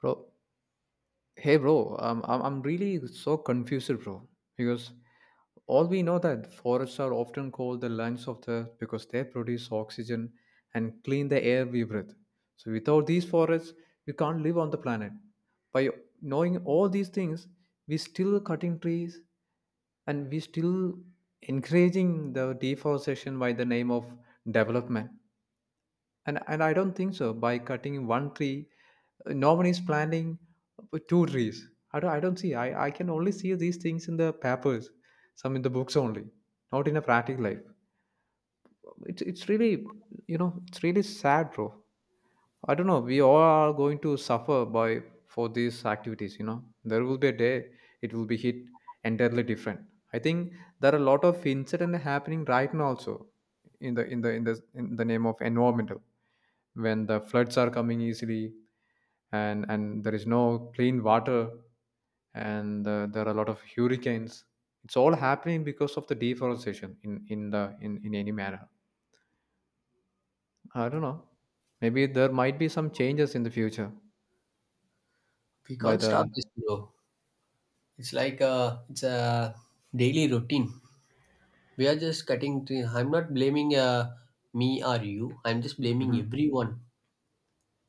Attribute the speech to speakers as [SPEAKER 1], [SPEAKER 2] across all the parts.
[SPEAKER 1] Bro, hey bro, I'm really so confused, bro, because all we know that forests are often called the lungs of the earth because they produce oxygen and clean the air we breathe. So without these forests, we can't live on the planet. By knowing all these things, we still cutting trees and we still encouraging the deforestation by the name of development, and I don't think so by cutting one tree, no one is planting two trees. I don't see. I can only see these things in the papers, some in the books only, not in a practical life. It's really, you know, it's really sad, bro. I don't know, we all are going to suffer by for these activities, you know, there will be a day it will be hit entirely different. I think there are a lot of incident happening right now also in the name of environmental, when the floods are coming easily, and there is no clean water, and there are a lot of hurricanes. It's all happening because of the deforestation in any manner. I don't know, maybe there might be some changes in the future
[SPEAKER 2] We
[SPEAKER 1] by
[SPEAKER 2] can't
[SPEAKER 1] the.
[SPEAKER 2] stop this, bro. It's like a, it's a daily routine. We are just cutting. Tree. I'm not blaming me or you. I'm just blaming
[SPEAKER 1] Mhm.
[SPEAKER 2] everyone.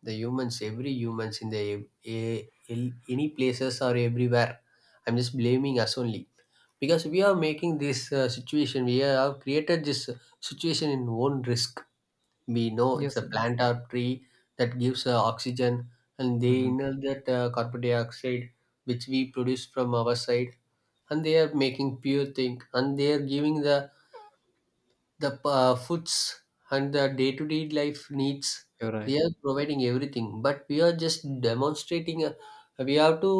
[SPEAKER 2] The humans, every humans in the a, any places or everywhere. I'm just blaming us only because we are making this situation. We have created this situation in own risk. We know it's a
[SPEAKER 1] Yes.
[SPEAKER 2] plant or tree that gives oxygen, and they
[SPEAKER 1] Mhm.
[SPEAKER 2] inhale that carbon dioxide which we produce from our side, and they are making pure thing, and they are giving the the foods and the day-to-day life needs.
[SPEAKER 1] You're
[SPEAKER 2] They
[SPEAKER 1] right.
[SPEAKER 2] are providing everything, but we are just demonstrating we have to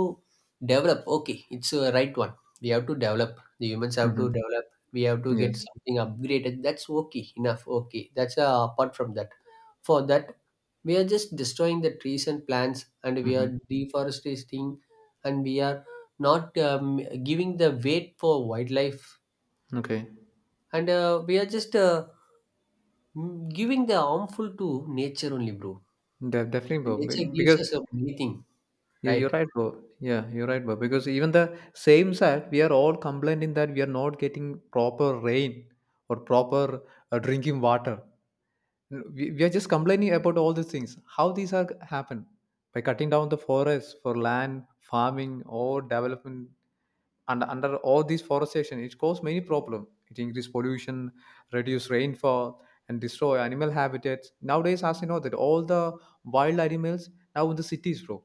[SPEAKER 2] develop. Okay, it's a right one. We have to develop. The humans have to
[SPEAKER 1] Hmm.
[SPEAKER 2] develop. We have to get
[SPEAKER 1] Yes.
[SPEAKER 2] something upgraded. That's okay, enough, okay. That's, apart from that, for that, we are just destroying the trees and plants and we
[SPEAKER 1] Hmm.
[SPEAKER 2] are deforesting, and we are not giving the weight for wildlife.
[SPEAKER 1] Okay.
[SPEAKER 2] And we are just giving the harmful to nature only, bro.
[SPEAKER 1] Definitely
[SPEAKER 2] The
[SPEAKER 1] Bob.
[SPEAKER 2] nature gives
[SPEAKER 1] Because
[SPEAKER 2] us a meaning,
[SPEAKER 1] yeah, you're
[SPEAKER 2] right?
[SPEAKER 1] right, bro. Yeah, you're right, bro. Because even the same side, we are all complaining that we are not getting proper rain or proper drinking water. We are just complaining about all these things. How these are happen by cutting down the forest for land farming or development. And under all these forestation, it causes many problem. It increase pollution, reduce rainfall, and destroy animal habitats. Nowadays, as you know, that all the wild animals now in the cities, bro.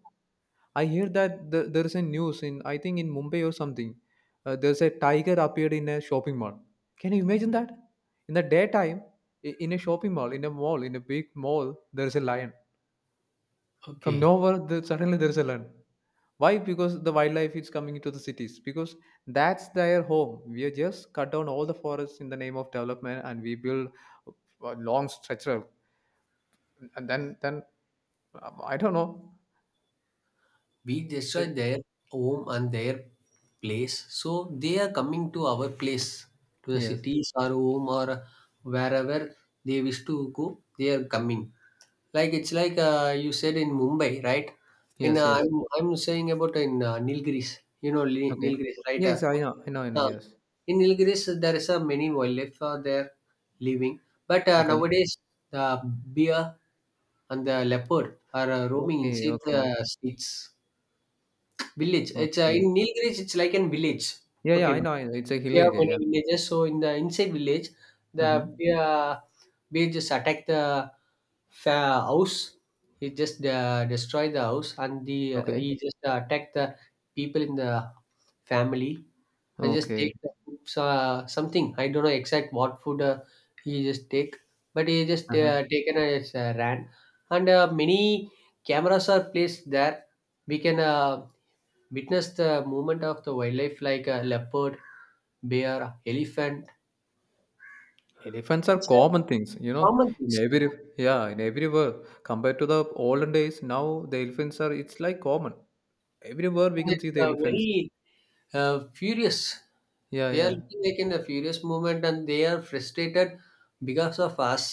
[SPEAKER 1] I hear that there is a news in, I think in Mumbai or something. There's a tiger appeared in a shopping mall. Can you imagine that? In the daytime, in a shopping mall, in a big mall, there is a lion. From
[SPEAKER 2] Okay,
[SPEAKER 1] nowhere, there, suddenly there is a lion. Why? Because the wildlife is coming into the cities. Because that's their home. We are just cut down all the forests in the name of development, and we build a long stretch of, and then I don't know.
[SPEAKER 2] we destroy
[SPEAKER 1] I-.
[SPEAKER 2] their home and their place, so they are coming to our place, to the
[SPEAKER 1] Yes,
[SPEAKER 2] cities or home or wherever they wish to go. They are coming. Like it's like you said in Mumbai, right? In
[SPEAKER 1] yes, yes.
[SPEAKER 2] I'm saying about in Nilgiris, you know,
[SPEAKER 1] Okay.
[SPEAKER 2] Nilgiris, right?
[SPEAKER 1] Yes, I know. I know. I know.
[SPEAKER 2] Uh,
[SPEAKER 1] Yes.
[SPEAKER 2] in Nilgiris, there is a many wildlife there living, but
[SPEAKER 1] Okay.
[SPEAKER 2] nowadays the bear and the leopard are roaming
[SPEAKER 1] Okay.
[SPEAKER 2] inside the
[SPEAKER 1] Okay.
[SPEAKER 2] streets. Village. It's
[SPEAKER 1] Okay.
[SPEAKER 2] in Nilgiris. It's like a village.
[SPEAKER 1] Yeah. Yeah.
[SPEAKER 2] Okay,
[SPEAKER 1] I know. I know. It's a hill
[SPEAKER 2] there are
[SPEAKER 1] area. Yeah.
[SPEAKER 2] many villages. So in the inside village, the
[SPEAKER 1] Mm-hmm.
[SPEAKER 2] bear just attacked the house. He just destroyed the house, and the
[SPEAKER 1] Okay.
[SPEAKER 2] he just attacked the people in the family, and just
[SPEAKER 1] Okay.
[SPEAKER 2] take the food, something. I don't know exact what food he just take, but he just
[SPEAKER 1] Uh-huh.
[SPEAKER 2] taken as ran, and many cameras are placed there. We can, witness the movement of the wildlife like a leopard, bear, elephant.
[SPEAKER 1] Elephants are
[SPEAKER 2] It's a
[SPEAKER 1] common things, you know,
[SPEAKER 2] common thing.
[SPEAKER 1] in
[SPEAKER 2] It's
[SPEAKER 1] every, yeah, in everywhere. Compared to the olden days, now the elephants are it's like common. Everywhere we can see the
[SPEAKER 2] a
[SPEAKER 1] elephants.
[SPEAKER 2] very furious.
[SPEAKER 1] Yeah.
[SPEAKER 2] They are
[SPEAKER 1] Yeah.
[SPEAKER 2] looking like in a furious movement, and they are frustrated because of us.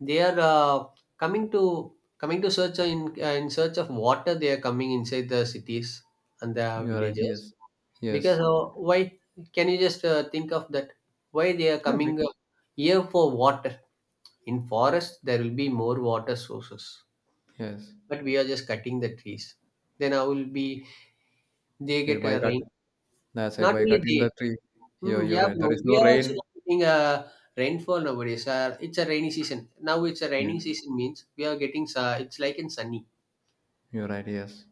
[SPEAKER 2] They are coming to search in search of water. They are coming inside the cities and the
[SPEAKER 1] You're right.
[SPEAKER 2] villages
[SPEAKER 1] Yes. Yes.
[SPEAKER 2] because, why? Can you just think of that? Why they are
[SPEAKER 1] Yeah. Big.
[SPEAKER 2] coming here for water? In forests, there will be more water sources,
[SPEAKER 1] Yes.
[SPEAKER 2] but we are just cutting the trees. Then I will be they
[SPEAKER 1] Yes.
[SPEAKER 2] get
[SPEAKER 1] By
[SPEAKER 2] a
[SPEAKER 1] cut.
[SPEAKER 2] rain.
[SPEAKER 1] That's a
[SPEAKER 2] Not
[SPEAKER 1] by
[SPEAKER 2] only
[SPEAKER 1] cutting
[SPEAKER 2] they,
[SPEAKER 1] the tree. Yeah. You're
[SPEAKER 2] yeah,
[SPEAKER 1] right. There
[SPEAKER 2] bro.
[SPEAKER 1] is no
[SPEAKER 2] We are also
[SPEAKER 1] rain.
[SPEAKER 2] not getting a rainfall nowadays. It's a rainy season now. It's a
[SPEAKER 1] Yeah.
[SPEAKER 2] raining season means we are getting. It's like in sunny.
[SPEAKER 1] You're right. Yes.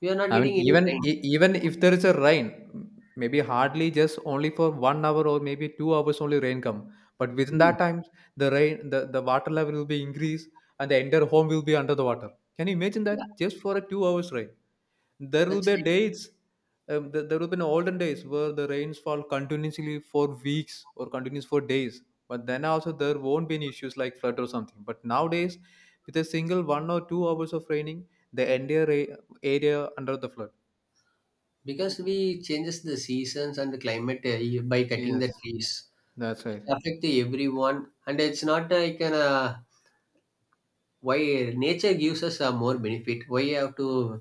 [SPEAKER 2] We are not
[SPEAKER 1] I mean,
[SPEAKER 2] getting any
[SPEAKER 1] even
[SPEAKER 2] rain.
[SPEAKER 1] even if there is a rain, m-, maybe hardly just only for 1 hour or maybe 2 hours only rain come. But within
[SPEAKER 2] Mm,
[SPEAKER 1] that time, the rain, the water level will be increased and the entire home will be under the water. Can you imagine
[SPEAKER 2] yeah,
[SPEAKER 1] that? Just for a 2 hours rain there will
[SPEAKER 2] that's
[SPEAKER 1] be
[SPEAKER 2] it.
[SPEAKER 1] days there will be an olden days where the rains fall continuously for weeks or continuous for days, but then also there won't be any issues like flood or something. But nowadays with a single 1 or 2 hours of raining, the entire area under the flood.
[SPEAKER 2] Because we changes the seasons and the climate by cutting the
[SPEAKER 1] Yes,
[SPEAKER 2] trees.
[SPEAKER 1] that's
[SPEAKER 2] It
[SPEAKER 1] right.
[SPEAKER 2] affect everyone, and it's not like an. Why nature gives us a more benefit, why you have to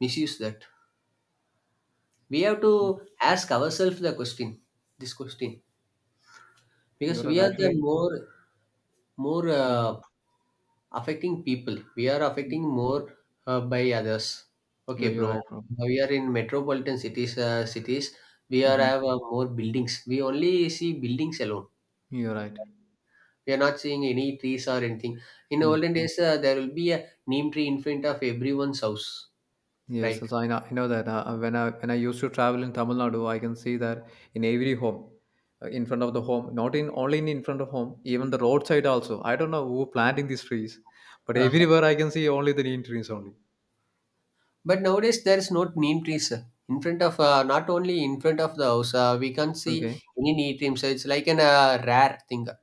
[SPEAKER 2] misuse that? We have to ask ourselves the question, this question,
[SPEAKER 1] You're
[SPEAKER 2] because
[SPEAKER 1] right,
[SPEAKER 2] we are the
[SPEAKER 1] actually.
[SPEAKER 2] more more
[SPEAKER 1] Yeah.
[SPEAKER 2] affecting people. We are affecting more by others.
[SPEAKER 1] you're,
[SPEAKER 2] Okay,
[SPEAKER 1] you're
[SPEAKER 2] bro,
[SPEAKER 1] right, bro.
[SPEAKER 2] we are in metropolitan cities, cities. We are
[SPEAKER 1] Hmm.
[SPEAKER 2] have more buildings. We only see buildings alone.
[SPEAKER 1] You're right.
[SPEAKER 2] We are not seeing any trees or anything. In the
[SPEAKER 1] Mm.
[SPEAKER 2] olden days, there will be a neem tree in front of everyone's house,
[SPEAKER 1] Yes,
[SPEAKER 2] right?
[SPEAKER 1] so I know that when I, when I used to travel in Tamil Nadu, I can see that in every home, in front of the home, not in only in front of home, even the roadside also. I don't know who planting these trees, but everywhere I can see only the green trees only.
[SPEAKER 2] But nowadays there is not neem trees in front of, not only in front of the house. We can't see
[SPEAKER 1] Okay,
[SPEAKER 2] any neem trees. So it's like an rare thing,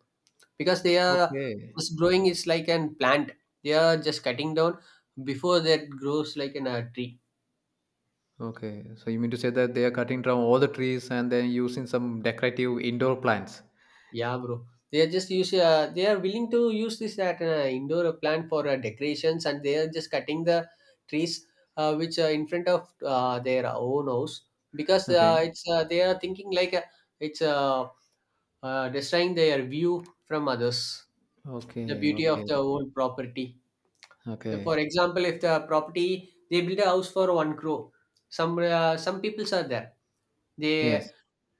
[SPEAKER 2] because they are
[SPEAKER 1] okay,
[SPEAKER 2] just growing. It's like an plant. They are just cutting down before that grows like an tree.
[SPEAKER 1] okay. So you mean to say that they are cutting down all the trees and then using some decorative indoor plants?
[SPEAKER 2] Yeah, bro. They are just use. They are willing to use this at an indoor plant for decorations, and they are just cutting the trees which are in front of their own house because
[SPEAKER 1] Okay,
[SPEAKER 2] it's they are thinking like it's a destroying their view from others, the
[SPEAKER 1] okay,
[SPEAKER 2] beauty of
[SPEAKER 1] okay,
[SPEAKER 2] the whole property. If, for
[SPEAKER 1] okay.
[SPEAKER 2] example, if the property they build a house for one crore, some peoples are there. They
[SPEAKER 1] Yes.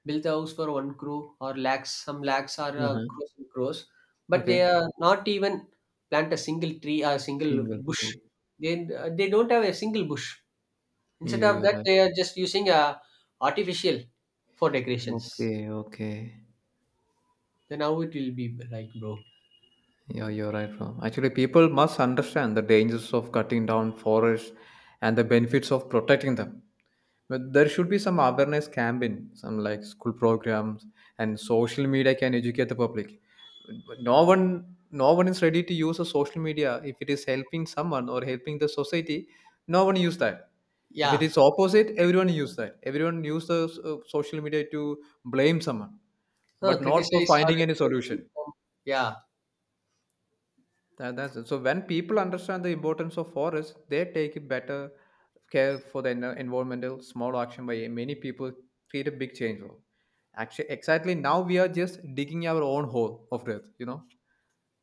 [SPEAKER 2] build a house for one crore or lakhs, some lakhs are
[SPEAKER 1] Uh-huh.
[SPEAKER 2] crores and crores, but they
[SPEAKER 1] Okay.
[SPEAKER 2] are not even plant a single tree or a single
[SPEAKER 1] Single
[SPEAKER 2] bush.
[SPEAKER 1] tree.
[SPEAKER 2] They don't have a single bush. Instead
[SPEAKER 1] You,
[SPEAKER 2] of
[SPEAKER 1] you're
[SPEAKER 2] that,
[SPEAKER 1] right.
[SPEAKER 2] they are just using a artificial for decorations.
[SPEAKER 1] Okay, okay.
[SPEAKER 2] Then how it will be like, bro?
[SPEAKER 1] Yeah, you're right, bro. Actually, people must understand the dangers of cutting down forests and the benefits of protecting them. But there should be some awareness campaign, some like school programs, and social media can educate the public. But no one, no one is ready to use a social media if it is helping someone or helping the society. No one use that. If it
[SPEAKER 2] Yeah,
[SPEAKER 1] is opposite, everyone use that. Everyone use the social media to blame someone,
[SPEAKER 2] no,
[SPEAKER 1] but not for
[SPEAKER 2] criticize or
[SPEAKER 1] finding any solution.
[SPEAKER 2] yeah,
[SPEAKER 1] That's it. So when people understand the importance of forests, they take it better care for the environmental small action by many people create a big change. Actually, exactly now we are just digging our own hole of death, you know,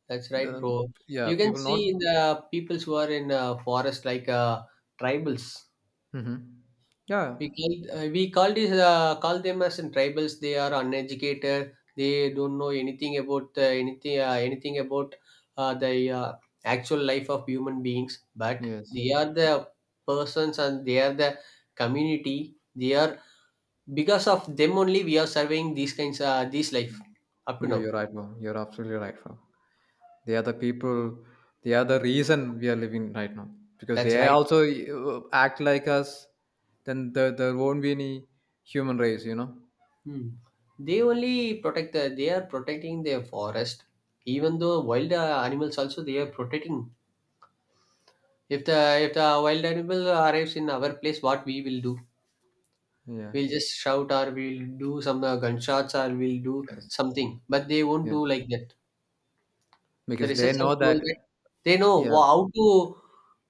[SPEAKER 2] that's right,
[SPEAKER 1] the,
[SPEAKER 2] bro.
[SPEAKER 1] yeah,
[SPEAKER 2] You can
[SPEAKER 1] people not.
[SPEAKER 2] see in the peoples who are in forest like tribals.
[SPEAKER 1] Mhm. Yeah,
[SPEAKER 2] We call these call them as in tribals. They are uneducated. They don't know anything about anything about the actual life of human beings. But
[SPEAKER 1] yes,
[SPEAKER 2] they are the persons and they are the community. They are because of them only we are surveying these kinds this life up to
[SPEAKER 1] you,
[SPEAKER 2] now.
[SPEAKER 1] you're right, bro. You're absolutely right, bro. They are the people. They are the reason we are living right now because
[SPEAKER 2] That's
[SPEAKER 1] they
[SPEAKER 2] right.
[SPEAKER 1] also act like us. Then there won't be any human race, you know.
[SPEAKER 2] Hmm. They only protect the, they are protecting their forest. Even though wild animals also they are protecting. If the if the wild animal arrives in our place, what we will do?
[SPEAKER 1] Yeah.
[SPEAKER 2] We'll just shout or we'll do some gunshots or we'll do
[SPEAKER 1] Yes.
[SPEAKER 2] something. But they won't do
[SPEAKER 1] Yes.
[SPEAKER 2] like that. The
[SPEAKER 1] Because they
[SPEAKER 2] research have
[SPEAKER 1] know
[SPEAKER 2] told
[SPEAKER 1] that.
[SPEAKER 2] that they know
[SPEAKER 1] Yeah.
[SPEAKER 2] how to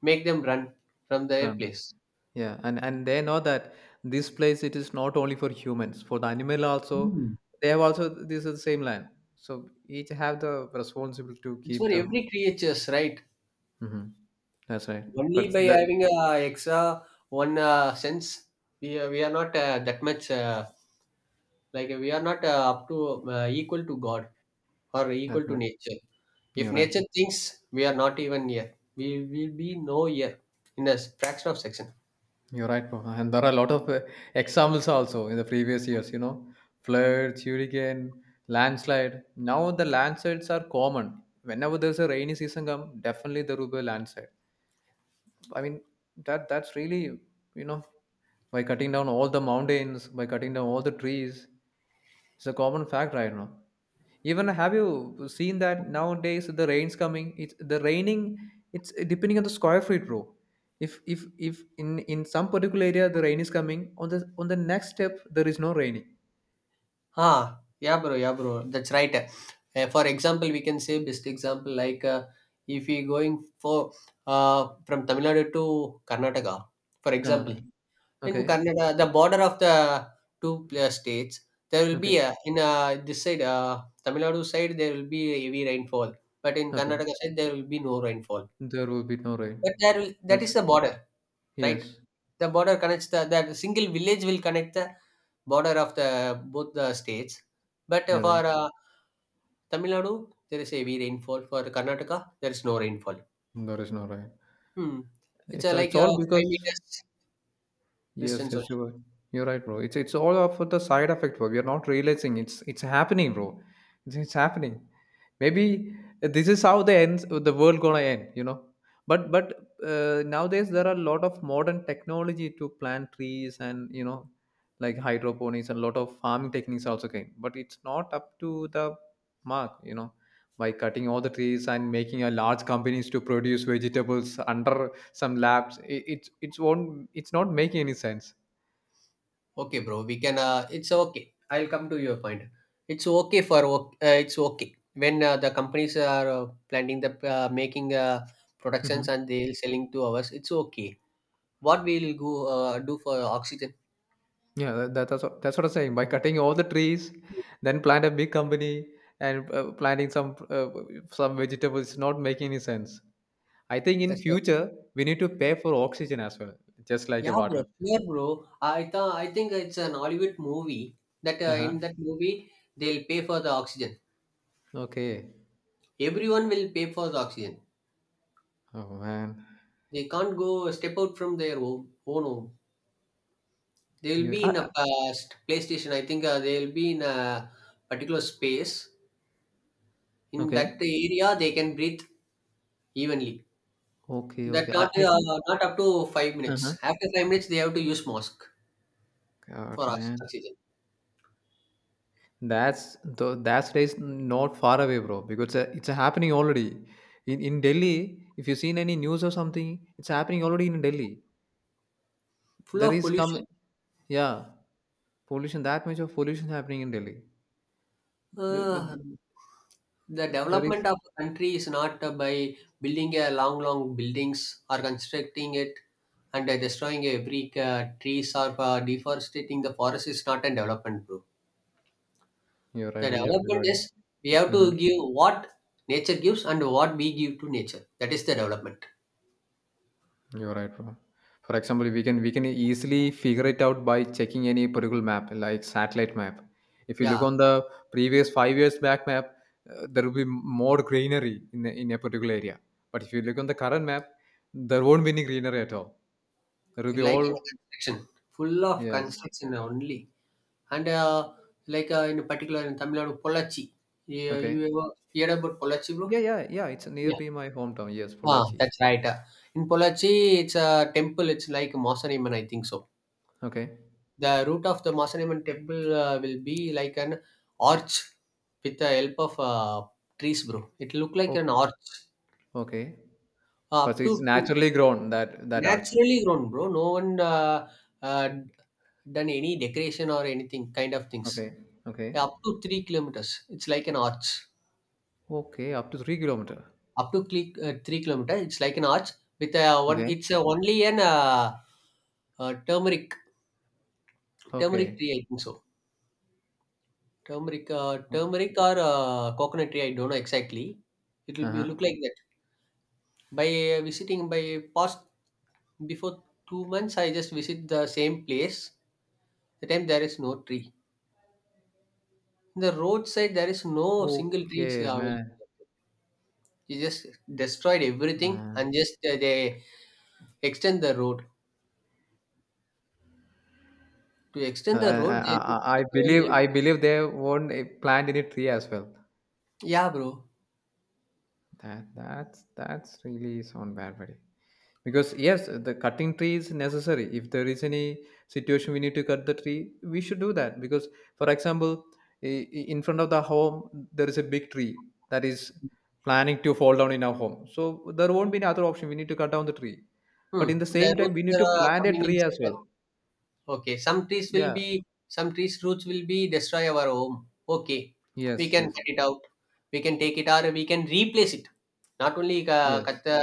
[SPEAKER 2] make them run from their
[SPEAKER 1] Run.
[SPEAKER 2] place.
[SPEAKER 1] Yeah. And they know that this place it is not only for humans. For the animal also,
[SPEAKER 2] Hmm.
[SPEAKER 1] they have also this is the same land. So each have the responsibility to
[SPEAKER 2] It's
[SPEAKER 1] keep
[SPEAKER 2] for
[SPEAKER 1] them.
[SPEAKER 2] every creatures, right?
[SPEAKER 1] Hmm. That's right.
[SPEAKER 2] Only
[SPEAKER 1] But
[SPEAKER 2] by
[SPEAKER 1] the
[SPEAKER 2] having extra one sense, we are not that much like we are not up to equal to God or
[SPEAKER 1] that's
[SPEAKER 2] equal to
[SPEAKER 1] right.
[SPEAKER 2] nature. If
[SPEAKER 1] You're right.
[SPEAKER 2] nature thinks, we are not even here. We will be no here in a fraction of second.
[SPEAKER 1] You're right, Mohan. And there are a lot of examples also in the previous years, you know, floods, hurricane, landslide. Now the landslides are common. Whenever there's a rainy season come, definitely there will be a landslide. I mean that that's really, you know, by cutting down all the mountains, by cutting down all the trees, it's a common fact right now. Even have you seen that nowadays the rain's coming? It's the raining. It's depending on the square feet, bro. If in some particular area the rain is coming, on the next step there is no raining.
[SPEAKER 2] Ah, yeah, bro, yeah, bro. That's right. For example, we can say best example like if we going for from Tamil Nadu to Karnataka, for example.
[SPEAKER 1] Ah,
[SPEAKER 2] In
[SPEAKER 1] okay,
[SPEAKER 2] Kannada, the border of the two states, there will be
[SPEAKER 1] okay,
[SPEAKER 2] a, in this side, Tamil Nadu side, there will be a heavy rainfall, but in
[SPEAKER 1] okay.
[SPEAKER 2] Karnataka side, there will be no rainfall.
[SPEAKER 1] There will be no
[SPEAKER 2] But
[SPEAKER 1] rain.
[SPEAKER 2] there will, that
[SPEAKER 1] Yes,
[SPEAKER 2] is the border, right?
[SPEAKER 1] yes,
[SPEAKER 2] The border connects the that single village will connect the border of the both the states. But
[SPEAKER 1] you're
[SPEAKER 2] for
[SPEAKER 1] right.
[SPEAKER 2] Tamil Nadu, there is heavy rainfall. For Karnataka, there is no rainfall.
[SPEAKER 1] There is no rain.
[SPEAKER 2] Hmm. It's like
[SPEAKER 1] It's
[SPEAKER 2] a
[SPEAKER 1] all
[SPEAKER 2] five
[SPEAKER 1] because
[SPEAKER 2] meters
[SPEAKER 1] yes,
[SPEAKER 2] distance.
[SPEAKER 1] yes, you are. You're right, bro. It's all of the side effect, bro. We are not realizing it's happening, bro. It's happening. Maybe this is how the ends the world gonna end, you know. But nowadays there are a lot of modern technology to plant trees and, you know, like hydroponics and a lot of farming techniques also came. But it's not up to the mark, you know, by cutting all the trees and making a large companies to produce vegetables under some labs it, it's won't it's not making any sense.
[SPEAKER 2] Okay, bro. We can. It's okay. I'll come to your point. It's okay for. It's okay when the companies are planning the, making productions
[SPEAKER 1] Hmm.
[SPEAKER 2] and they'll selling to us. It's okay. What we'll go do for oxygen?
[SPEAKER 1] Yeah, that's what I'm saying. By cutting all the trees then plant a big company and planting some vegetables is not making any sense. I think in
[SPEAKER 2] That's right.
[SPEAKER 1] future we need to pay for oxygen as well, just like a
[SPEAKER 2] Yeah, bro.
[SPEAKER 1] water.
[SPEAKER 2] Sure, bro. I think it's an Hollywood movie that
[SPEAKER 1] Uh-huh.
[SPEAKER 2] in that movie they'll pay for the oxygen.
[SPEAKER 1] Okay.
[SPEAKER 2] Everyone will pay for the oxygen.
[SPEAKER 1] Oh man.
[SPEAKER 2] They can't go step out from their home, own home. They'll
[SPEAKER 1] You
[SPEAKER 2] be in a past PlayStation. I think they'll be in a particular space. In that
[SPEAKER 1] okay,
[SPEAKER 2] area, they can breathe evenly.
[SPEAKER 1] okay,
[SPEAKER 2] That
[SPEAKER 1] okay.
[SPEAKER 2] not
[SPEAKER 1] I think.
[SPEAKER 2] not up to 5 minutes.
[SPEAKER 1] Uh-huh.
[SPEAKER 2] After 5 minutes, they have to use mask
[SPEAKER 1] God
[SPEAKER 2] for
[SPEAKER 1] man.
[SPEAKER 2] oxygen.
[SPEAKER 1] That's the that's days not far away, bro. Because it's happening already. In Delhi, if you've seen any news or something, it's happening already in Delhi.
[SPEAKER 2] Full
[SPEAKER 1] There
[SPEAKER 2] of
[SPEAKER 1] is come,
[SPEAKER 2] pollution.
[SPEAKER 1] yeah, pollution. That much of pollution happening in Delhi.
[SPEAKER 2] Uh,
[SPEAKER 1] th-
[SPEAKER 2] the
[SPEAKER 1] There is.
[SPEAKER 2] development of a country is not by building a long, long buildings or constructing it and destroying every trees or deforestating the forest is not a development, bro.
[SPEAKER 1] You're
[SPEAKER 2] The
[SPEAKER 1] right. You're
[SPEAKER 2] development
[SPEAKER 1] right.
[SPEAKER 2] is we have
[SPEAKER 1] Mm-hmm.
[SPEAKER 2] to give what nature gives and what we give to nature. That is the development.
[SPEAKER 1] You're right, bro. For example, we can easily figure it out by checking any particular map, like satellite map. If you look
[SPEAKER 2] Yeah,
[SPEAKER 1] on the previous 5 years back map, there will be more greenery in a particular area. But if you look on the current map, there won't be any greenery at all. There will be
[SPEAKER 2] like
[SPEAKER 1] all
[SPEAKER 2] in construction, full of
[SPEAKER 1] yes.
[SPEAKER 2] construction only. And like in particular in Tamil Nadu, Pollachi. Yeah, you
[SPEAKER 1] Okay.
[SPEAKER 2] ever heard about Pollachi, bro?
[SPEAKER 1] Yeah, yeah, yeah. It's
[SPEAKER 2] Yeah.
[SPEAKER 1] nearby my hometown. Yes,
[SPEAKER 2] Ah,
[SPEAKER 1] Pollachi.
[SPEAKER 2] that's right. In Pollachi, it's a temple. It's like Masaniman, I think so.
[SPEAKER 1] Okay.
[SPEAKER 2] The root of the Masaniman temple will be like an arch with the help of trees, bro. It look like an
[SPEAKER 1] Okay.
[SPEAKER 2] arch.
[SPEAKER 1] Okay. But
[SPEAKER 2] Up
[SPEAKER 1] it's
[SPEAKER 2] to
[SPEAKER 1] naturally grown that that arch.
[SPEAKER 2] Naturally grown, bro. No one uh, done any decoration or anything kind of things.
[SPEAKER 1] Okay.
[SPEAKER 2] Yeah,
[SPEAKER 1] Okay.
[SPEAKER 2] up to 3 kilometers, it's like an arch.
[SPEAKER 1] Okay. Up to 3 kilometer.
[SPEAKER 2] 3 kilometers, it's like an arch with a one.
[SPEAKER 1] Okay.
[SPEAKER 2] It's a only an uh, turmeric turmeric
[SPEAKER 1] Okay.
[SPEAKER 2] tree, I think so. Turmeric, turmeric or coconut tree. I don't know exactly. It will be
[SPEAKER 1] Uh-huh.
[SPEAKER 2] look like that. By visiting by past before 2 months, I just visit the same place. The time there is no tree. In the roadside, there is no single trees.
[SPEAKER 1] Okay,
[SPEAKER 2] Available.
[SPEAKER 1] man.
[SPEAKER 2] They just destroyed everything
[SPEAKER 1] Man.
[SPEAKER 2] and just they extend the road. To extend the road, they just
[SPEAKER 1] I
[SPEAKER 2] cut down
[SPEAKER 1] believe,
[SPEAKER 2] everything.
[SPEAKER 1] I believe they won't eh, plant any tree as well.
[SPEAKER 2] Yeah, bro.
[SPEAKER 1] That that's really sound bad, buddy. Because yes, the cutting tree is necessary. If there is any situation we need to cut the tree, we should do that. Because for example, i- in front of the home there is a big tree that is planning to fall down in our home. So there won't be any other option. We need to cut down the tree. But
[SPEAKER 2] Hmm.
[SPEAKER 1] in the
[SPEAKER 2] The
[SPEAKER 1] same time,
[SPEAKER 2] roots
[SPEAKER 1] we need
[SPEAKER 2] that
[SPEAKER 1] to
[SPEAKER 2] are
[SPEAKER 1] plant a
[SPEAKER 2] coming
[SPEAKER 1] tree
[SPEAKER 2] inside.
[SPEAKER 1] as well.
[SPEAKER 2] Okay, some trees will
[SPEAKER 1] Yeah.
[SPEAKER 2] be some trees roots will be destroy our home. Okay, we
[SPEAKER 1] Yes,
[SPEAKER 2] can
[SPEAKER 1] yes,
[SPEAKER 2] cut it out. We can take it or we can replace it. Not only
[SPEAKER 1] yes.
[SPEAKER 2] cut the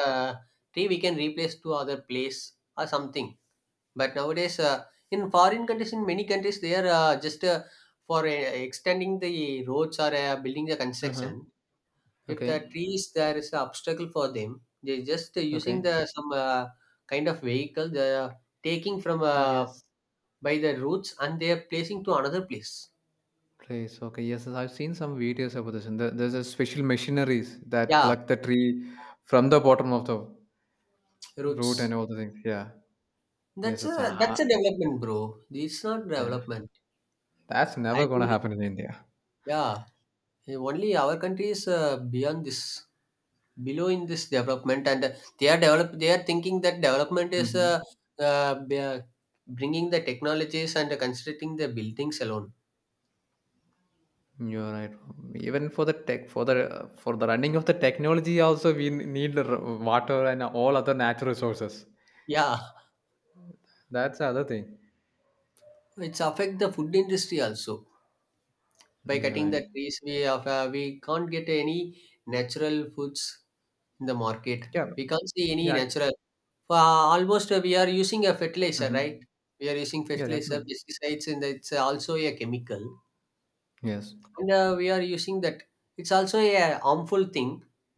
[SPEAKER 2] tree, we can replace to other place or something. But nowadays, in foreign countries, in many countries, they are just for extending the roads or building the
[SPEAKER 1] Uh-huh.
[SPEAKER 2] construction. If
[SPEAKER 1] Okay,
[SPEAKER 2] the trees there is an obstacle for them, they just using
[SPEAKER 1] okay.
[SPEAKER 2] the some kind of vehicle they are taking from
[SPEAKER 1] Yes,
[SPEAKER 2] by the roots and they are placing to another place.
[SPEAKER 1] place. Okay, yes, yes, I've seen some videos about this. And there's a special machineries that
[SPEAKER 2] Yeah,
[SPEAKER 1] pluck the tree from the bottom of the root and
[SPEAKER 2] roots.
[SPEAKER 1] all the things. Yeah. Yes,
[SPEAKER 2] That's
[SPEAKER 1] it's
[SPEAKER 2] a that's
[SPEAKER 1] ah,
[SPEAKER 2] a development, bro. It's not
[SPEAKER 1] yeah.
[SPEAKER 2] development.
[SPEAKER 1] That's
[SPEAKER 2] I
[SPEAKER 1] never gonna
[SPEAKER 2] think
[SPEAKER 1] happen in India.
[SPEAKER 2] yeah. Only our country is beyond this, below in this development, and they are develop. They are thinking that development is
[SPEAKER 1] Mm-hmm.
[SPEAKER 2] uh, b- uh, bringing the technologies and constructing the buildings alone.
[SPEAKER 1] You're right. Even for the tech, for the running of the technology, also we need the water and all other natural resources.
[SPEAKER 2] Yeah,
[SPEAKER 1] That's the other thing.
[SPEAKER 2] it's affect the food industry also. By
[SPEAKER 1] You're
[SPEAKER 2] cutting
[SPEAKER 1] right.
[SPEAKER 2] the trees, we have, we can't get any natural foods in the market.
[SPEAKER 1] Yeah.
[SPEAKER 2] We can't see any
[SPEAKER 1] Yeah.
[SPEAKER 2] natural. For almost we are using a fertilizer, right?
[SPEAKER 1] Hmm.
[SPEAKER 2] We are using
[SPEAKER 1] Yeah,
[SPEAKER 2] fertilizer,
[SPEAKER 1] definitely.
[SPEAKER 2] pesticides, and it's also a chemical
[SPEAKER 1] Yes.
[SPEAKER 2] and we are using that it's also a harmful thing,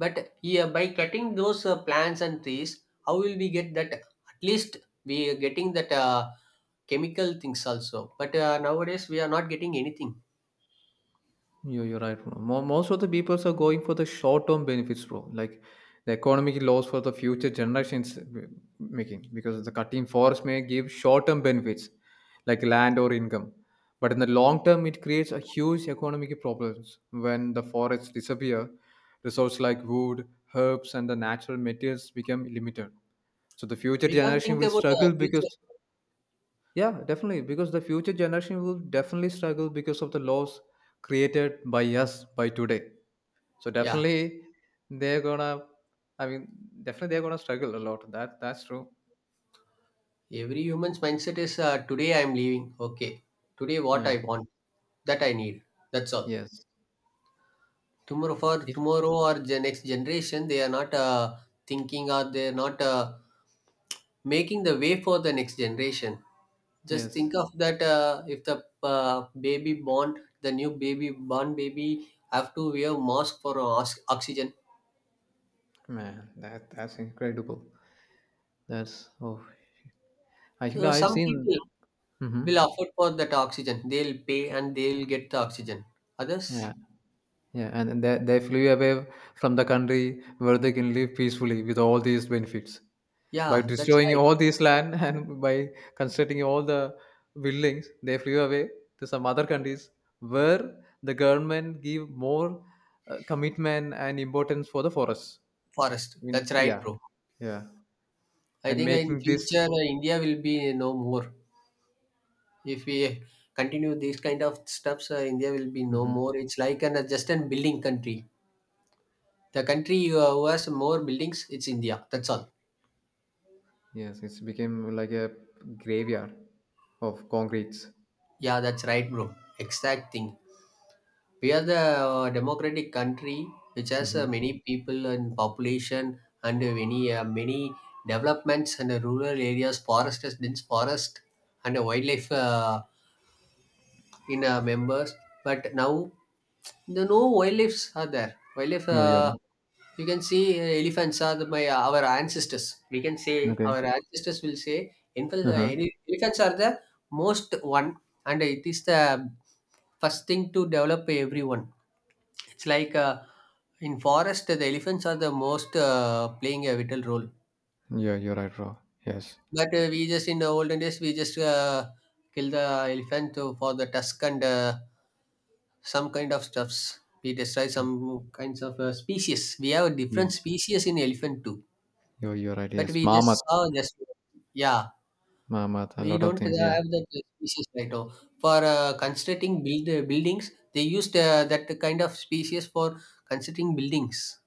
[SPEAKER 2] but yeah, by cutting those plants and trees, how will we get that? At least we are getting that chemical things also, but nowadays we are not getting anything.
[SPEAKER 1] You're right, bro. Most of the peoples are going for the short-term benefits, bro. Like the economic loss for the future generations making, because the cutting forest may give short-term benefits like land or income, but in the long term, it creates a huge economic problems when the forests disappear. Resources like wood, herbs, and the natural materials become limited. So the future
[SPEAKER 2] We can't
[SPEAKER 1] generation
[SPEAKER 2] think
[SPEAKER 1] will
[SPEAKER 2] about
[SPEAKER 1] struggle
[SPEAKER 2] the future.
[SPEAKER 1] because yeah, definitely. Because the future generation will definitely struggle because of the laws created by us by today. So
[SPEAKER 2] Yeah,
[SPEAKER 1] definitely they're gonna. I mean, Definitely they're gonna struggle a lot. That's true.
[SPEAKER 2] every human's mindset is today I am leaving, okay, today what I
[SPEAKER 1] Yeah.
[SPEAKER 2] want, that I need, that's all.
[SPEAKER 1] Yes.
[SPEAKER 2] Tomorrow, for
[SPEAKER 1] If
[SPEAKER 2] tomorrow or the next generation, they are not thinking, or they're not making the way for the next generation. Just
[SPEAKER 1] yes,
[SPEAKER 2] think of that, if the baby born, the new baby born baby have to wear mask for oxygen.
[SPEAKER 1] man, that's incredible. That's oh, actually I've
[SPEAKER 2] Some
[SPEAKER 1] seen.
[SPEAKER 2] people
[SPEAKER 1] Hmm.
[SPEAKER 2] will afford for that oxygen. They'll pay and they'll get the oxygen. Others,
[SPEAKER 1] Yeah, yeah, and and they flew away from the country where they can live peacefully with all these benefits. By
[SPEAKER 2] yeah, that's
[SPEAKER 1] destroying
[SPEAKER 2] right.
[SPEAKER 1] all this land and by constructing all the buildings, they flew away to some other countries where the government give more commitment and importance for the forests. i
[SPEAKER 2] Forest,
[SPEAKER 1] mean
[SPEAKER 2] that's right,
[SPEAKER 1] yeah,
[SPEAKER 2] bro.
[SPEAKER 1] yeah.
[SPEAKER 2] I
[SPEAKER 1] And
[SPEAKER 2] think in
[SPEAKER 1] making this.
[SPEAKER 2] future India will be no more. If we continue these kind of steps, India will be no
[SPEAKER 1] Mhm.
[SPEAKER 2] more. It's like an just a building country. The country who has more buildings, it's India. That's all.
[SPEAKER 1] Yes, it's became like a graveyard of concretes.
[SPEAKER 2] Yeah, that's right, bro. Exact thing. We are the democratic country which has
[SPEAKER 1] Mm-hmm.
[SPEAKER 2] many people and population, and many developments, and rural areas, forest, dense forest, and wildlife. In members, but now the no wildlifes are there, wildlife
[SPEAKER 1] You're right.
[SPEAKER 2] you can see elephants are the, my our ancestors, we can say
[SPEAKER 1] Okay.
[SPEAKER 2] our ancestors will say elephants,
[SPEAKER 1] Uh-huh.
[SPEAKER 2] elephants are the most one, and it is the first thing to develop everyone. It's like in forest the elephants are the most playing a vital role.
[SPEAKER 1] Yeah, you're right, bro. Yes.
[SPEAKER 2] But we just in the olden days we just kill the elephant for the tusk and some kind of stuffs. We destroy some kinds of species. We have
[SPEAKER 1] Yeah.
[SPEAKER 2] different species in elephant too,
[SPEAKER 1] You're right.
[SPEAKER 2] but
[SPEAKER 1] Yes,
[SPEAKER 2] we just
[SPEAKER 1] mammoth.
[SPEAKER 2] saw just yeah.
[SPEAKER 1] Mammoth, a
[SPEAKER 2] We
[SPEAKER 1] lot of
[SPEAKER 2] don't
[SPEAKER 1] things. Yeah.
[SPEAKER 2] have that species right now. For constructing build buildings, they used that kind of species for constructing buildings,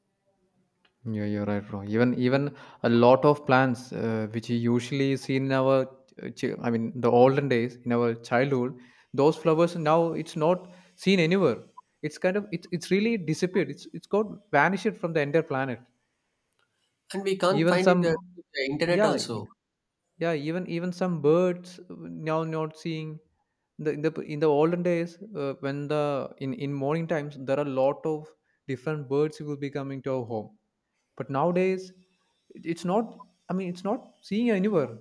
[SPEAKER 1] Yeah, you're right, bro. Even a lot of plants, which you usually see in our, the olden days in our childhood, those flowers now it's not seen anywhere. It's kind of, it's really disappeared. It's got vanished from the entire planet.
[SPEAKER 2] and we can't
[SPEAKER 1] Even
[SPEAKER 2] find
[SPEAKER 1] some,
[SPEAKER 2] it the internet
[SPEAKER 1] yeah,
[SPEAKER 2] also.
[SPEAKER 1] yeah. Even some birds, now not seeing the in the in the olden days, when the in morning times, there are a lot of different birds who will be coming to our home. But nowadays, it's not, it's not seeing anywhere,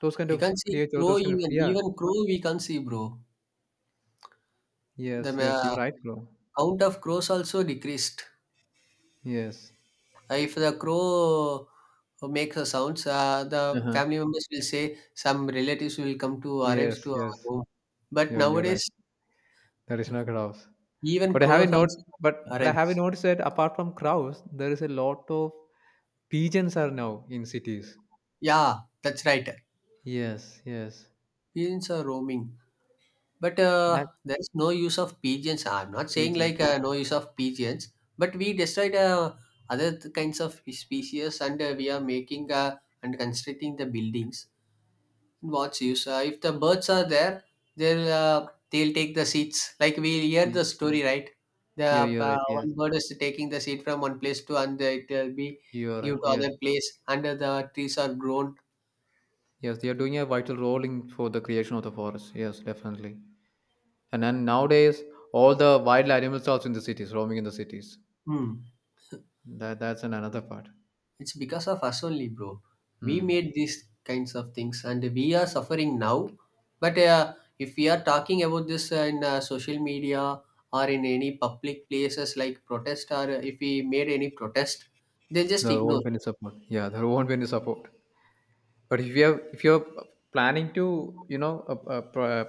[SPEAKER 1] those kind
[SPEAKER 2] We
[SPEAKER 1] of
[SPEAKER 2] can't see
[SPEAKER 1] creature,
[SPEAKER 2] crow,
[SPEAKER 1] those kind of.
[SPEAKER 2] even
[SPEAKER 1] Yeah.
[SPEAKER 2] even crow we can't see, bro. The
[SPEAKER 1] Yes, yes, you're right, bro.
[SPEAKER 2] count of crows also decreased.
[SPEAKER 1] Yes.
[SPEAKER 2] If the crow makes a sounds, the
[SPEAKER 1] Uh-huh.
[SPEAKER 2] family members will say some relatives will come to
[SPEAKER 1] Yes,
[SPEAKER 2] arrives to our
[SPEAKER 1] yes,
[SPEAKER 2] home. But
[SPEAKER 1] you're right.
[SPEAKER 2] nowadays,
[SPEAKER 1] There is no crows.
[SPEAKER 2] even
[SPEAKER 1] But I have
[SPEAKER 2] crows
[SPEAKER 1] not.
[SPEAKER 2] also
[SPEAKER 1] But but I have
[SPEAKER 2] arrives.
[SPEAKER 1] noticed that apart from crows, there is a lot of pigeons are now in cities.
[SPEAKER 2] Yeah, that's right.
[SPEAKER 1] Yes, yes.
[SPEAKER 2] Pigeons are roaming, but
[SPEAKER 1] That
[SPEAKER 2] there's no use of pigeons. I'm not saying
[SPEAKER 1] region.
[SPEAKER 2] like no use of pigeons, but we destroyed kinds of species, and we are making and constructing the buildings. What's use? If the birds are there, they'll take the seeds. Like we hear
[SPEAKER 1] Yeah,
[SPEAKER 2] the story, right? The
[SPEAKER 1] you're right. Yes,
[SPEAKER 2] one bird is taking the seed from one place to another. It will be
[SPEAKER 1] you're
[SPEAKER 2] give
[SPEAKER 1] right.
[SPEAKER 2] to
[SPEAKER 1] Yes,
[SPEAKER 2] other place. Under the trees are grown.
[SPEAKER 1] yes. They are doing a vital role in for the creation of the forest. Yes, definitely. And then nowadays, all the wild animals are also in the cities, roaming in the cities.
[SPEAKER 2] Hmm.
[SPEAKER 1] That's an another part.
[SPEAKER 2] It's because of us only, bro. We
[SPEAKER 1] Hmm.
[SPEAKER 2] made these kinds of things, and we are suffering now. But if we are talking about this in social media or in any public places like protest, or if we made any protest, they just
[SPEAKER 1] There won't
[SPEAKER 2] ignore.
[SPEAKER 1] be any support. Yeah, there won't be any support. But if you have, if you're planning to, you know,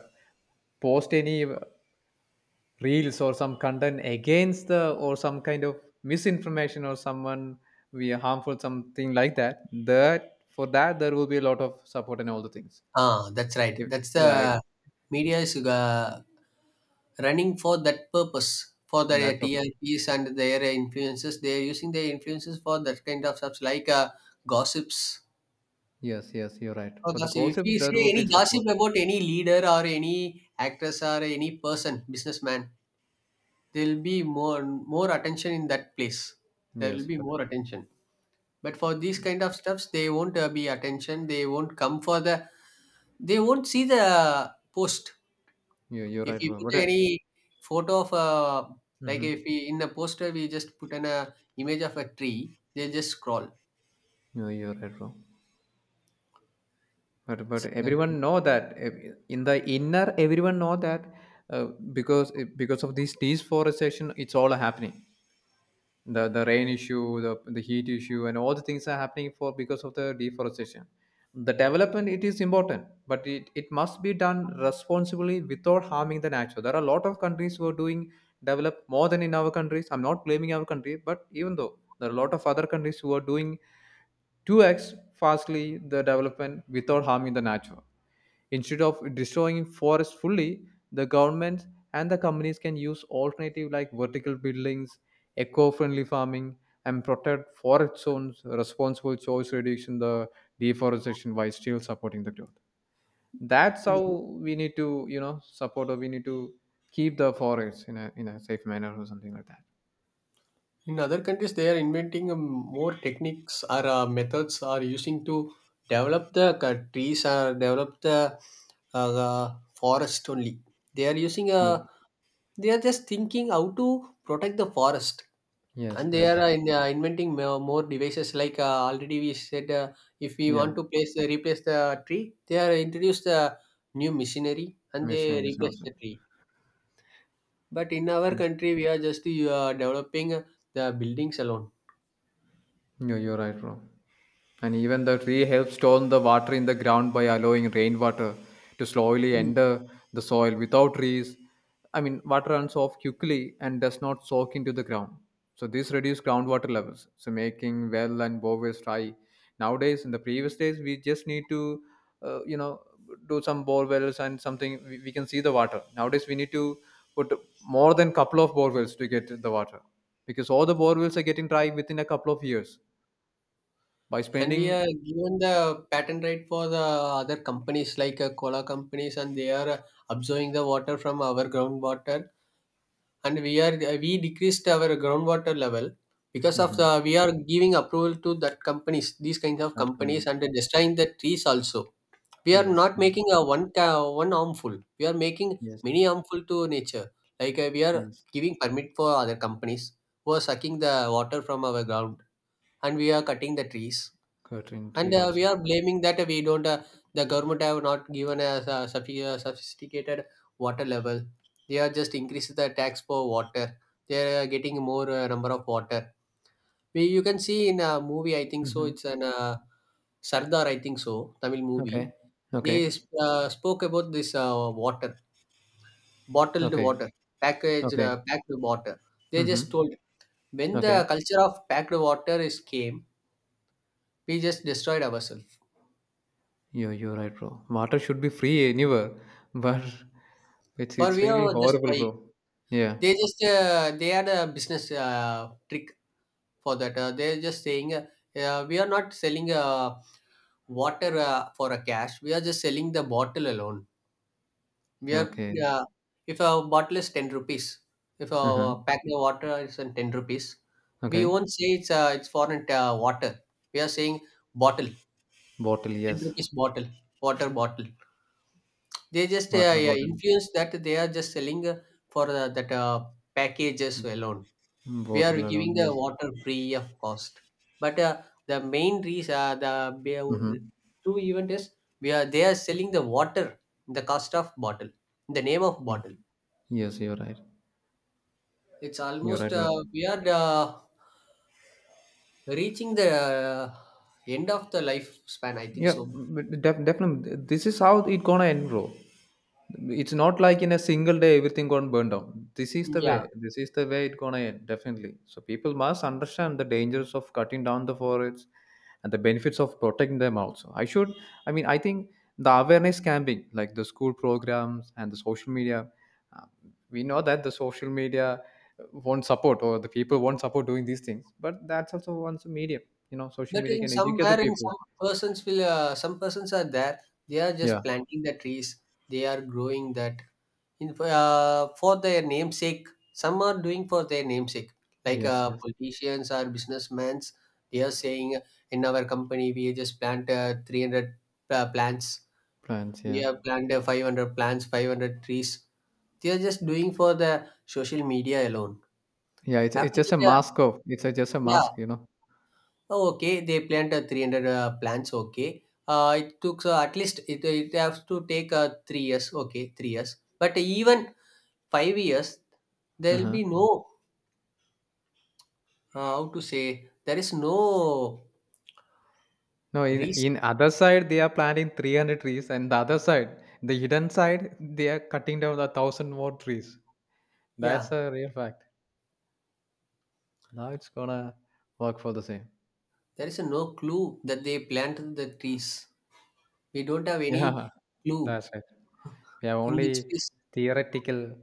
[SPEAKER 1] post any reels or some content against the or some kind of misinformation or someone we are harmful something like that, that for that there will be a lot of support and all the things.
[SPEAKER 2] Ah, that's right.
[SPEAKER 1] If,
[SPEAKER 2] That's
[SPEAKER 1] yeah.
[SPEAKER 2] the media is running for that purpose for their
[SPEAKER 1] That for-
[SPEAKER 2] TRPs and their influences. They are using their influences for that kind of stuff like gossips.
[SPEAKER 1] yes, yes, you're right.
[SPEAKER 2] Or
[SPEAKER 1] For the
[SPEAKER 2] gossip. If
[SPEAKER 1] gossip
[SPEAKER 2] we
[SPEAKER 1] there will
[SPEAKER 2] say
[SPEAKER 1] be
[SPEAKER 2] any
[SPEAKER 1] support.
[SPEAKER 2] gossip about any leader or any actress or any person, businessman, there will be more attention in that place. There will
[SPEAKER 1] Yes,
[SPEAKER 2] be
[SPEAKER 1] you're,
[SPEAKER 2] more attention. But for these kind of stuffs, they won't be attention. They won't come for the. They won't see the post.
[SPEAKER 1] you're, you're
[SPEAKER 2] If
[SPEAKER 1] right,
[SPEAKER 2] we
[SPEAKER 1] bro,
[SPEAKER 2] put
[SPEAKER 1] but mm-hmm.
[SPEAKER 2] any photo of a, like if we in the poster we just put an image of a tree, they just scroll.
[SPEAKER 1] No, you're right, bro. But
[SPEAKER 2] It's not—
[SPEAKER 1] everyone know that eh, in the inner everyone know that uh, because because of this deforestation it's all happening, the rain issue, the heat issue and all the things are happening for because of the deforestation. The development it is important, but it must be done responsibly without harming the nature. There are a lot of countries who are doing develop more than in our countries. I'm not blaming our country, but even though there are a lot of other countries who are doing 2x fastly the development without harming the nature. Instead of destroying forests fully, the governments and the companies can use alternative like vertical buildings, eco-friendly farming, and protect forest zones, responsible choice reduction, the deforestation while still supporting the growth. That's how we need to, you know, support, or we need to keep the forests in a safe manner or something like that.
[SPEAKER 2] In other countries, they are inventing more techniques or methods are using to develop the trees or develop the uh, forest only. They are using
[SPEAKER 1] Yeah.
[SPEAKER 2] a. They are just thinking how to protect the forest.
[SPEAKER 1] Yes,
[SPEAKER 2] And they are
[SPEAKER 1] yes.
[SPEAKER 2] inventing more devices like already we said if we want
[SPEAKER 1] Yeah.
[SPEAKER 2] to place replace the tree, they are introduced the new machinery and they
[SPEAKER 1] Mission is
[SPEAKER 2] replace
[SPEAKER 1] also.
[SPEAKER 2] the tree, but in our country we are just developing the buildings alone.
[SPEAKER 1] No, you're right, bro. And even the tree helps store the water in the ground by allowing rainwater to slowly
[SPEAKER 2] Mm.
[SPEAKER 1] enter the soil. Without trees, water runs off quickly and does not soak into the ground. So this reduces groundwater levels, so making well and bowels dry. Nowadays, in the previous days, we just need to, you know, do some bore wells and something. We can see the water. Nowadays, we need to put more than couple of bore wells to get the water, because all the bore wells are getting dry within a couple of years by
[SPEAKER 2] And we
[SPEAKER 1] spending.
[SPEAKER 2] are given the patent right for the other companies like cola companies, and they are absorbing the water from our groundwater, and we are we decreased our groundwater level because of the
[SPEAKER 1] Mhm.
[SPEAKER 2] we are giving approval to that companies, these kinds of
[SPEAKER 1] That
[SPEAKER 2] companies,
[SPEAKER 1] company.
[SPEAKER 2] and destroying the trees also. We are
[SPEAKER 1] Yes,
[SPEAKER 2] not
[SPEAKER 1] yes,
[SPEAKER 2] making a one one harmful, we are making
[SPEAKER 1] yes,
[SPEAKER 2] many harmful to nature. Like we are
[SPEAKER 1] yes.
[SPEAKER 2] giving permit for other companies who are sucking the water from our ground, and we are cutting the trees,
[SPEAKER 1] Curtain tree
[SPEAKER 2] and we
[SPEAKER 1] also.
[SPEAKER 2] are blaming that we don't the government have not given us a sophisticated water level. They are just increasing the tax for water. They are getting more number of water. We, you can see in a movie, I think so.
[SPEAKER 1] Hmm.
[SPEAKER 2] It's an Sardar, I think so, Tamil movie.
[SPEAKER 1] Okay,
[SPEAKER 2] They
[SPEAKER 1] okay,
[SPEAKER 2] spoke about this water, bottled
[SPEAKER 1] okay,
[SPEAKER 2] water, packaged
[SPEAKER 1] okay.
[SPEAKER 2] packed water. They
[SPEAKER 1] Hmm.
[SPEAKER 2] just told, when the
[SPEAKER 1] Okay.
[SPEAKER 2] culture of packed water is came, we just destroyed ourselves.
[SPEAKER 1] You're right, bro. Water should be free anywhere, but
[SPEAKER 2] For
[SPEAKER 1] it's
[SPEAKER 2] we
[SPEAKER 1] really
[SPEAKER 2] are just
[SPEAKER 1] horrible,
[SPEAKER 2] by.
[SPEAKER 1] bro. Yeah.
[SPEAKER 2] They just they are the business trick for that. They're just saying, we are not selling water for a cash. We are just selling the bottle alone. We are
[SPEAKER 1] Okay.
[SPEAKER 2] uh, if a bottle is 10 rupees, if
[SPEAKER 1] Uh-huh.
[SPEAKER 2] a pack of water is on 10 rupees, we
[SPEAKER 1] Okay.
[SPEAKER 2] won't say it's foreign water. We are saying bottle,
[SPEAKER 1] Bottle,
[SPEAKER 2] ten
[SPEAKER 1] yes.
[SPEAKER 2] rupees bottle, water bottle. They just
[SPEAKER 1] Water
[SPEAKER 2] yeah,
[SPEAKER 1] bottle.
[SPEAKER 2] influence that they are just selling for that packages alone. We are
[SPEAKER 1] Bottle alone,
[SPEAKER 2] giving the
[SPEAKER 1] yes.
[SPEAKER 2] water free of cost, but the main reason
[SPEAKER 1] Mm-hmm.
[SPEAKER 2] be- true event is we are, they are selling the water in the cost of bottle, in the name of
[SPEAKER 1] Yeah.
[SPEAKER 2] bottle.
[SPEAKER 1] Yes, you're right.
[SPEAKER 2] It's
[SPEAKER 1] You're
[SPEAKER 2] almost
[SPEAKER 1] right, but
[SPEAKER 2] we are reaching the end of the lifespan, I think
[SPEAKER 1] yeah,
[SPEAKER 2] so.
[SPEAKER 1] but definitely. This is how it gonna end, bro. It's not like in a single day everything gonna burn down. This is the
[SPEAKER 2] Yeah,
[SPEAKER 1] way. This is the way it gonna end, definitely. So people must understand the dangers of cutting down the forests and the benefits of protecting them also. I should. I mean, I think the awareness camping, like the school programs and the social media. uh, We know that the social media won't support or the people won't support doing these things, but that's also one medium. You know, social
[SPEAKER 2] but
[SPEAKER 1] media
[SPEAKER 2] in
[SPEAKER 1] can educate the
[SPEAKER 2] somewhere, in
[SPEAKER 1] people.
[SPEAKER 2] some persons will some persons are there, they are
[SPEAKER 1] Yeah.
[SPEAKER 2] just planting the trees, they are growing that, for their namesake. Some are doing for their namesake, like
[SPEAKER 1] Yes, yes.
[SPEAKER 2] politicians or businessmen. They are saying, in our company we just plant 300 plants,
[SPEAKER 1] Plants,
[SPEAKER 2] we
[SPEAKER 1] yeah.
[SPEAKER 2] have planted 500 plants, 500 trees. They are just doing for the social media alone.
[SPEAKER 1] Yeah, it's
[SPEAKER 2] After
[SPEAKER 1] just a
[SPEAKER 2] that,
[SPEAKER 1] mask of it's a, just a
[SPEAKER 2] yeah,
[SPEAKER 1] mask, you know.
[SPEAKER 2] oh, okay, they planted 300 plants, okay, it took at least it has to take 3 years, okay, 3 years, but even 5 years there will
[SPEAKER 1] Uh-huh.
[SPEAKER 2] be no how to say, there is no
[SPEAKER 1] No,
[SPEAKER 2] reason.
[SPEAKER 1] in other side they are planting 300 trees and the other side, the hidden side, they are cutting down the 1000 more trees. That's
[SPEAKER 2] Yeah,
[SPEAKER 1] a real fact. Now it's gonna work for the same.
[SPEAKER 2] there is no clue that they planted the trees. We don't have
[SPEAKER 1] Yeah,
[SPEAKER 2] any clue
[SPEAKER 1] that's right. We have
[SPEAKER 2] in which
[SPEAKER 1] only
[SPEAKER 2] case.
[SPEAKER 1] theoretical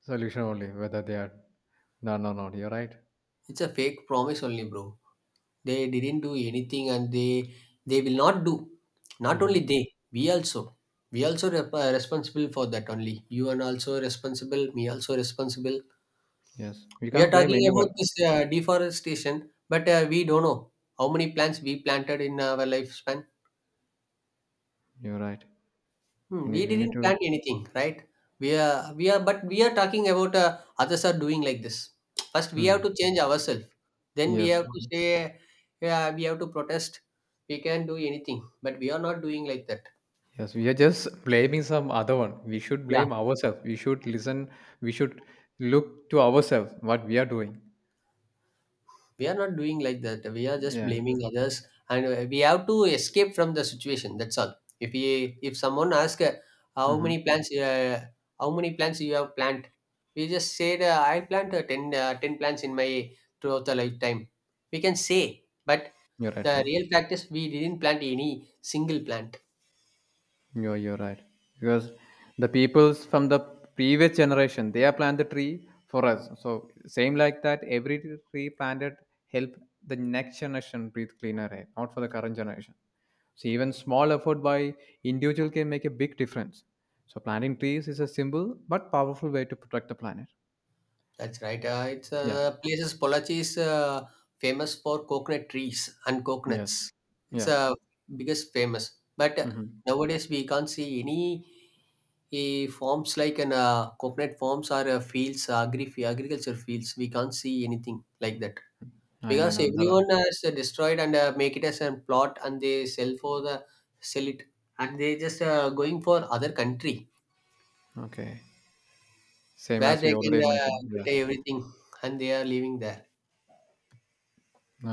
[SPEAKER 1] solution only whether they are no, no, no. You're right.
[SPEAKER 2] It's a fake promise only, bro. They didn't do anything, and they will not do. Not only
[SPEAKER 1] Mm-hmm.
[SPEAKER 2] they, we also, we also responsible for that only. You are also responsible, me also responsible.
[SPEAKER 1] Yes, we
[SPEAKER 2] We
[SPEAKER 1] can't
[SPEAKER 2] are
[SPEAKER 1] blame
[SPEAKER 2] talking
[SPEAKER 1] anyone.
[SPEAKER 2] about this deforestation, but we don't know how many plants we planted in our lifespan.
[SPEAKER 1] You're right.
[SPEAKER 2] Hmm, we
[SPEAKER 1] We need
[SPEAKER 2] didn't
[SPEAKER 1] to.
[SPEAKER 2] plan anything, right? We are but we are talking about others are doing like this. First, we have to
[SPEAKER 1] Hmm.
[SPEAKER 2] change ourselves. Then we
[SPEAKER 1] Yes.
[SPEAKER 2] have to say, yeah, we have to protest. We can do anything, but we are not doing like that.
[SPEAKER 1] Yes, we are just blaming some other one. We should
[SPEAKER 2] Yeah.
[SPEAKER 1] blame ourselves. We should listen. We should look to ourselves what we are doing.
[SPEAKER 2] We are not doing like that. We are just
[SPEAKER 1] Yeah.
[SPEAKER 2] blaming others, and we have to escape from the situation, that's all. If we if someone asks how
[SPEAKER 1] Mm-hmm.
[SPEAKER 2] many plants uh, how many plants you have planted, we just said I plant 10 plants in my throughout the lifetime, we can say, but
[SPEAKER 1] You're right,
[SPEAKER 2] the
[SPEAKER 1] bro.
[SPEAKER 2] real fact is we didn't plant any single plant.
[SPEAKER 1] You're right. Because the peoples from the previous generation, they have planted the tree for us. So same like that, every tree planted help the next generation breathe cleaner air, not for the current generation. So even small effort by individual can make a big difference. So planting trees is a simple but powerful way to protect the planet.
[SPEAKER 2] That's right. It's
[SPEAKER 1] Yeah.
[SPEAKER 2] places Pollachi is famous for coconut trees and
[SPEAKER 1] Yes.
[SPEAKER 2] coconuts. It's
[SPEAKER 1] Yeah.
[SPEAKER 2] biggest famous. But
[SPEAKER 1] Mhm.
[SPEAKER 2] nowadays we can't see any farms like an coconut farms or fields, agriculture fields. We can't see anything like that
[SPEAKER 1] I know,
[SPEAKER 2] because
[SPEAKER 1] no, that
[SPEAKER 2] everyone has destroyed and make it as a plot, and they sell for the sell it, and they just going for other country
[SPEAKER 1] okay. Same
[SPEAKER 2] where
[SPEAKER 1] as we
[SPEAKER 2] they can
[SPEAKER 1] already mentioned. Yeah.
[SPEAKER 2] get everything and they are living there.
[SPEAKER 1] No,